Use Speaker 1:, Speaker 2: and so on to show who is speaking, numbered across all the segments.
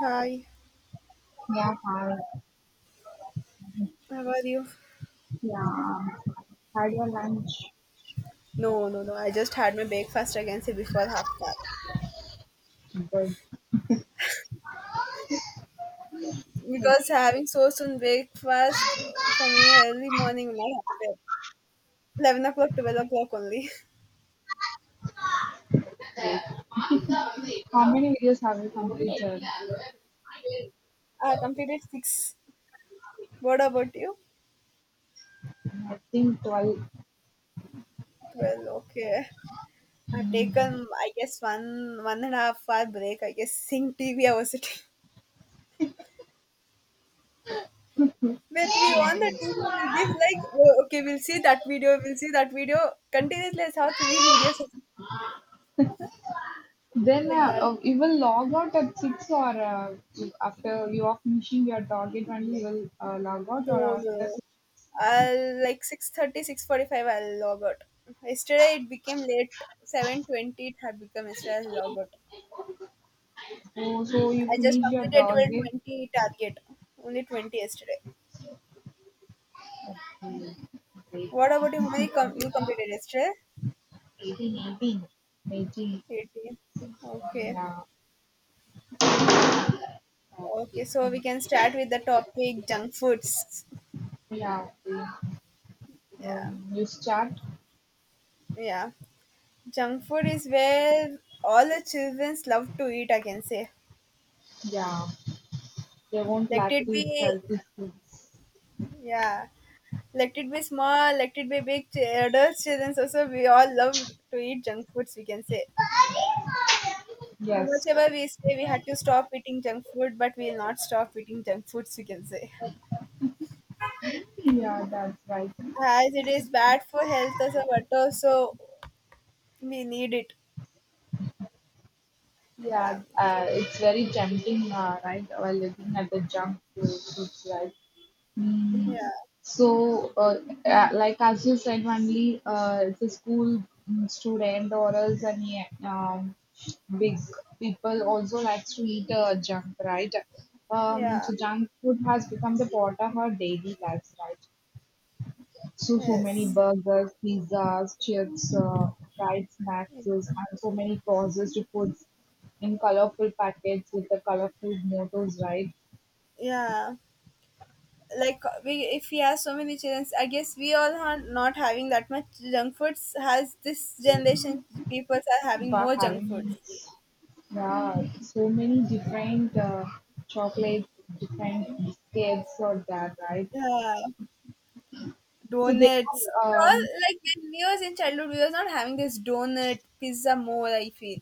Speaker 1: Hi,
Speaker 2: Yeah, hi.
Speaker 1: how are you?
Speaker 2: Yeah, had your lunch.
Speaker 1: No, no, no. I just had my breakfast again say before half past. Because having so soon breakfast for me early morning will not happen. 11 o'clock, 12 o'clock only.
Speaker 2: Great. How many
Speaker 1: Okay.
Speaker 2: videos have you completed?
Speaker 1: I completed six. What about you?
Speaker 2: I think 12.
Speaker 1: 12. Okay. I've taken one and a half hour break. I guess seeing TV I was sitting. When we on the TV, will be like, oh, okay, we'll see that video, we'll see that video continuously. I saw three videos
Speaker 2: Then uh,
Speaker 1: like that.
Speaker 2: uh, you will log out at 6 or after you are finishing your target only you will log out or
Speaker 1: No,
Speaker 2: after 6.
Speaker 1: no. I'll like 6:30, 6:45. I'll log out. Yesterday it became late. 7:20 it had become yesterday I'll log out.
Speaker 2: Oh, so you
Speaker 1: I just
Speaker 2: finish your
Speaker 1: completed
Speaker 2: target.
Speaker 1: 12:20 target. Only 20 yesterday.
Speaker 2: Mm, wait,
Speaker 1: What about you? How many you completed yesterday?
Speaker 2: 18, 18. Eighteen.
Speaker 1: 18. Okay.
Speaker 2: Yeah.
Speaker 1: Okay,
Speaker 2: Okay.
Speaker 1: so we can start with the topic junk foods.
Speaker 2: Yeah. Okay.
Speaker 1: Yeah.
Speaker 2: You start.
Speaker 1: Yeah. Junk food is where all the children love to eat, I can say.
Speaker 2: Yeah. They won't
Speaker 1: Let
Speaker 2: like to
Speaker 1: it
Speaker 2: eat
Speaker 1: be,
Speaker 2: healthy foods.
Speaker 1: yeah. Let it be small, let it be big. Adult children also, we all love to eat junk foods, we can say. So much
Speaker 2: Yes.
Speaker 1: ever we say we had to stop eating junk food, but we'll not stop eating junk foods, we can say.
Speaker 2: Yeah, that's right.
Speaker 1: As it is bad for health also, but also we need it. Yeah,
Speaker 2: Yeah, it's very tempting, right? While looking at the junk food, it's like. Mm.
Speaker 1: yeah,
Speaker 2: So like as you said, only it's a school mm, student or else any big people also likes to eat junk, right? Um,
Speaker 1: yeah,
Speaker 2: so junk food has become the part of our daily lives, right? So many
Speaker 1: yes.
Speaker 2: burgers, pizzas, chips, fried snacks, and so many processed foods in colorful packets with the colorful mottos, right?
Speaker 1: Yeah, like we if we have so many children, I guess we all are not having that much junk foods. Has this generation people are having
Speaker 2: For
Speaker 1: more junk
Speaker 2: having
Speaker 1: foods?
Speaker 2: yeah, so many different chocolates, different biscuits or that, right?
Speaker 1: Yeah,
Speaker 2: So they
Speaker 1: donuts. We
Speaker 2: are,
Speaker 1: all
Speaker 2: um,
Speaker 1: like when we was in childhood, we was not having this donut pizza more. I feel.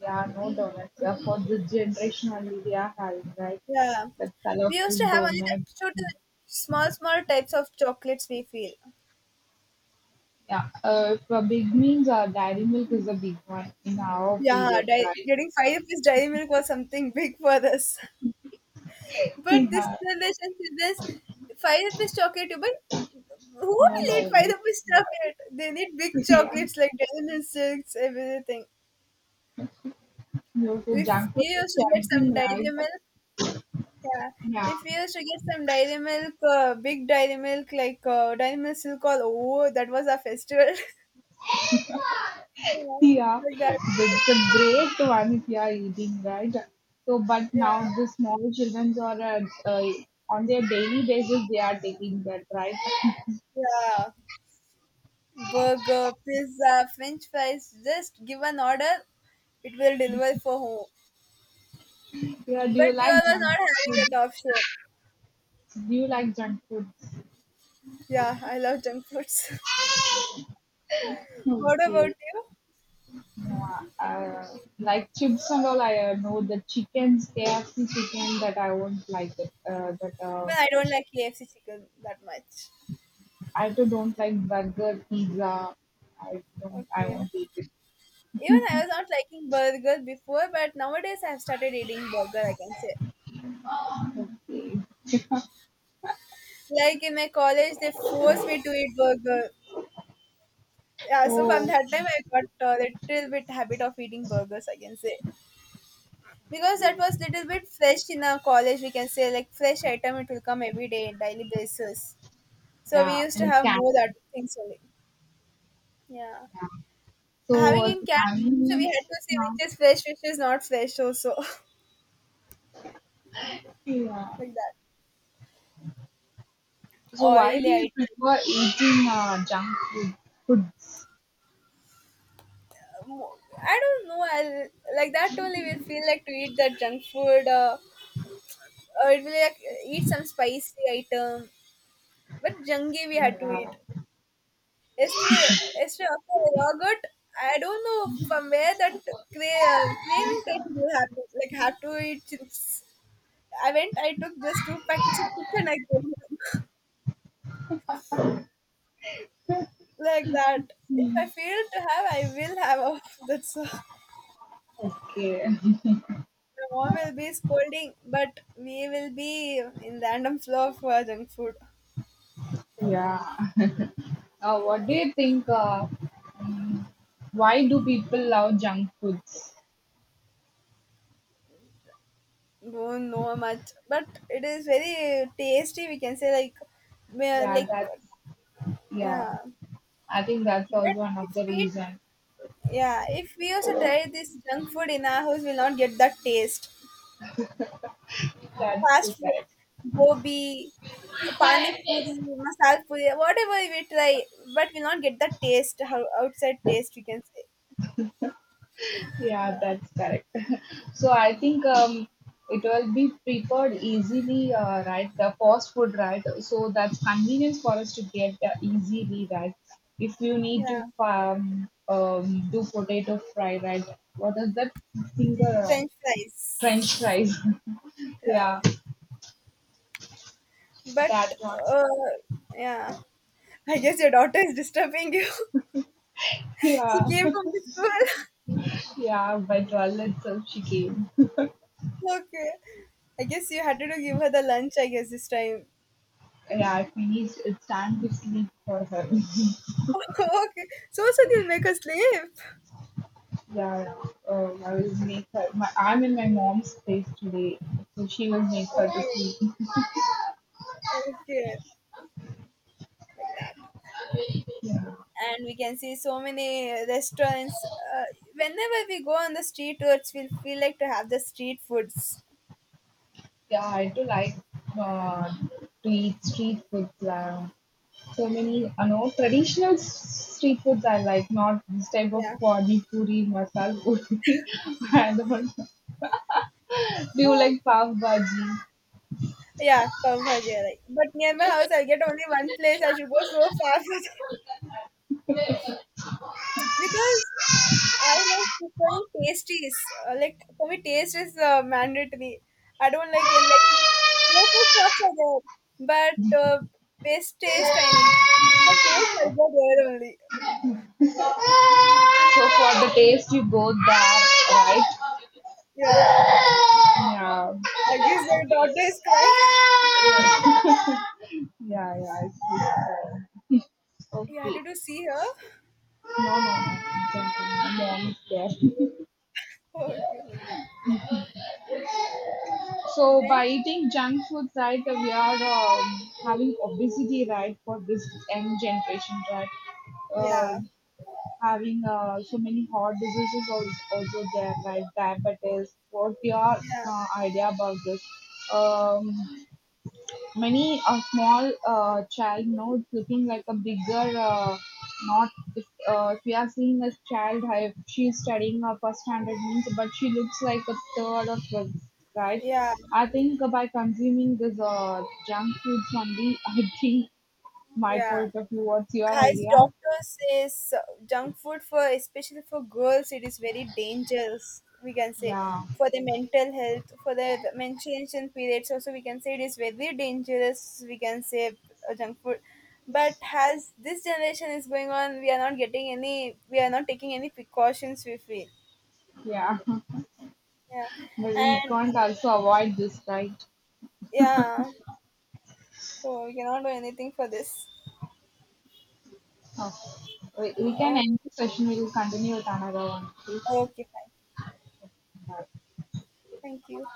Speaker 2: yeah, no donuts. Yeah, for this generation only, they are having, right?
Speaker 1: Yeah,
Speaker 2: That
Speaker 1: we used to
Speaker 2: colorful
Speaker 1: have only that
Speaker 2: donuts.
Speaker 1: two to small small types of chocolates. We feel.
Speaker 2: Yeah, if a big means dairy milk is a big one in our
Speaker 1: Yeah,
Speaker 2: period, right?
Speaker 1: getting five rupees dairy milk was something big for us. But this
Speaker 2: Yeah,
Speaker 1: generation said this five rupees chocolate. But who
Speaker 2: no, no.
Speaker 1: will eat five rupees chocolate? They need big
Speaker 2: Yeah,
Speaker 1: chocolates like dairy milk, silks, everything.
Speaker 2: no, the
Speaker 1: If
Speaker 2: junk food
Speaker 1: we
Speaker 2: is
Speaker 1: used to get
Speaker 2: tempting,
Speaker 1: some dairy
Speaker 2: right?
Speaker 1: milk. Yeah,
Speaker 2: Yeah,
Speaker 1: if we used to get some dairy milk, big dairy milk, like dairy milk silk all over, that was our festival. Yeah,
Speaker 2: yeah,
Speaker 1: like that.
Speaker 2: that's the great one if you are eating, right? So, but
Speaker 1: Yeah,
Speaker 2: now the small children are on their daily basis they are taking that, right?
Speaker 1: yeah. Burger, pizza, French fries. Just give an order, it will deliver for home.
Speaker 2: Yeah, do you
Speaker 1: But we
Speaker 2: like
Speaker 1: all are
Speaker 2: junk
Speaker 1: not having
Speaker 2: food?
Speaker 1: that option.
Speaker 2: Do you like junk food?
Speaker 1: Yeah, I love junk foods. What about
Speaker 2: Okay.
Speaker 1: you?
Speaker 2: Like chips and all, I know the chickens, KFC chicken, that I won't like it, that
Speaker 1: Well, I don't like KFC chicken that much.
Speaker 2: I too don't like burger, pizza. I don't, I
Speaker 1: Okay.
Speaker 2: won't eat it.
Speaker 1: Even I was not liking burger before, but nowadays I've started eating burger, I can say.
Speaker 2: Okay.
Speaker 1: Like in my college, they forced me to eat burger. Yeah, so from
Speaker 2: So
Speaker 1: that time I got a little bit habit of eating burgers, I can say. Because that was little bit fresh in our college, we can say, like fresh item, it will come every day, daily basis. So we
Speaker 2: yeah,
Speaker 1: used to
Speaker 2: and
Speaker 1: have
Speaker 2: cat,
Speaker 1: more that things only. Yeah.
Speaker 2: yeah. so
Speaker 1: Having
Speaker 2: uh,
Speaker 1: in
Speaker 2: the
Speaker 1: canteen,
Speaker 2: family
Speaker 1: so we had
Speaker 2: meals,
Speaker 1: to say which is
Speaker 2: uh,
Speaker 1: fresh, which is not fresh also.
Speaker 2: yeah.
Speaker 1: Like that.
Speaker 2: So why
Speaker 1: Oily
Speaker 2: do you
Speaker 1: item.
Speaker 2: prefer eating junk foods,
Speaker 1: mo- I don't know. I'll like that only will feel like to eat the junk food. Or it will like eat some spicy item. But jungi we had to eat yesterday. Yesterday after I log out, I don't know from where that craving type will happen. Like had to eat chips. I went. I took just two packets of chips and
Speaker 2: yeah?
Speaker 1: I came home. Like that. If I fail to have, I will have. That's all.
Speaker 2: Okay.
Speaker 1: The mom will be scolding, but we will be in random flow of junk food.
Speaker 2: Yeah. What do you think? Why do people love junk foods?
Speaker 1: Don't know much, but it is very tasty. We can say like, ma-
Speaker 2: Yeah,
Speaker 1: like,
Speaker 2: that's yeah.
Speaker 1: yeah.
Speaker 2: I think that's also
Speaker 1: But
Speaker 2: one of
Speaker 1: if
Speaker 2: the
Speaker 1: we,
Speaker 2: reason.
Speaker 1: yeah, if we also try this junk food in our house, we'll not get that taste.
Speaker 2: That's
Speaker 1: Fast
Speaker 2: too
Speaker 1: food,
Speaker 2: correct.
Speaker 1: gobi, pani puri, masala puri, whatever we try, but we'll not get that taste. How outside taste we can say.
Speaker 2: Yeah,
Speaker 1: Yeah,
Speaker 2: that's correct. So I think it will be prepared easily, right? The fast food, right? So that's convenience for us to get easily, right? If you need
Speaker 1: yeah.
Speaker 2: to do potato fry, right? What is that finger? Uh,
Speaker 1: French
Speaker 2: french
Speaker 1: fries.
Speaker 2: fries.
Speaker 1: Yeah,
Speaker 2: Yeah,
Speaker 1: but
Speaker 2: that one.
Speaker 1: uh, yeah, I guess your daughter is disturbing you.
Speaker 2: Yeah,
Speaker 1: She came from the school.
Speaker 2: yeah. By 12 itself, she came.
Speaker 1: Okay, I guess you had to give her the lunch. I guess this time.
Speaker 2: Yeah, it means it's time to sleep for her.
Speaker 1: Okay, so they'll make her sleep.
Speaker 2: Yeah, I was made cut. My, I'm in my mom's place today, so she was made cut this
Speaker 1: Okay,
Speaker 2: week.
Speaker 1: okay, like that.
Speaker 2: Yeah,
Speaker 1: And we can see so many restaurants. Whenever we go on the street tours, we'll feel like to have the street foods.
Speaker 2: yeah, I do like uh, to eat street foods. So many, I know traditional street foods I like, not this type of
Speaker 1: Yeah.
Speaker 2: pani puri, masala puri. I don't know. Do you
Speaker 1: Oh,
Speaker 2: like pav bhaji?
Speaker 1: yeah, pav bhaji. I like. But near my house, I get only one place. I should go so far for because I like preferring pastries. Like for me, taste is mandatory. I don't like it. Like local shops are there, but best taste I need. The taste I go there only.
Speaker 2: So for the taste, you go there, right?
Speaker 1: Yeah,
Speaker 2: Yeah.
Speaker 1: I guess your daughter is crying.
Speaker 2: Yeah, yeah. It's good.
Speaker 1: You had
Speaker 2: Okay.
Speaker 1: to do see her.
Speaker 2: No, no, no. Junk food. My mom is there.
Speaker 1: Okay, like that.
Speaker 2: So
Speaker 1: Then
Speaker 2: by eating junk food, right, we are having obesity, right, for this young generation, right. Uh,
Speaker 1: yeah,
Speaker 2: having so many heart diseases also, also there like diabetes. What your
Speaker 1: yeah,
Speaker 2: idea about this, um, many a small child now it's looking like a bigger, not if, if we are seeing a child, if she is studying her first standard means, but she looks like a third or fifth, right?
Speaker 1: yeah,
Speaker 2: I think by consuming this junk foods only. I think my
Speaker 1: yeah.
Speaker 2: point of view, what's your
Speaker 1: As
Speaker 2: idea?
Speaker 1: doctors says junk food for especially for girls it is very dangerous we can say,
Speaker 2: Yeah,
Speaker 1: for their mental health, for their menstruation periods also we can say it is very dangerous we can say. Junk food, but as this generation is going on we are not getting any, we are not taking any precautions we feel.
Speaker 2: yeah.
Speaker 1: Yeah,
Speaker 2: But we
Speaker 1: and
Speaker 2: can't also avoid this, right?
Speaker 1: yeah, so we cannot do anything for this.
Speaker 2: Oh, we can
Speaker 1: Oh,
Speaker 2: end the session. We will continue with another one, please.
Speaker 1: okay, fine. Thank you.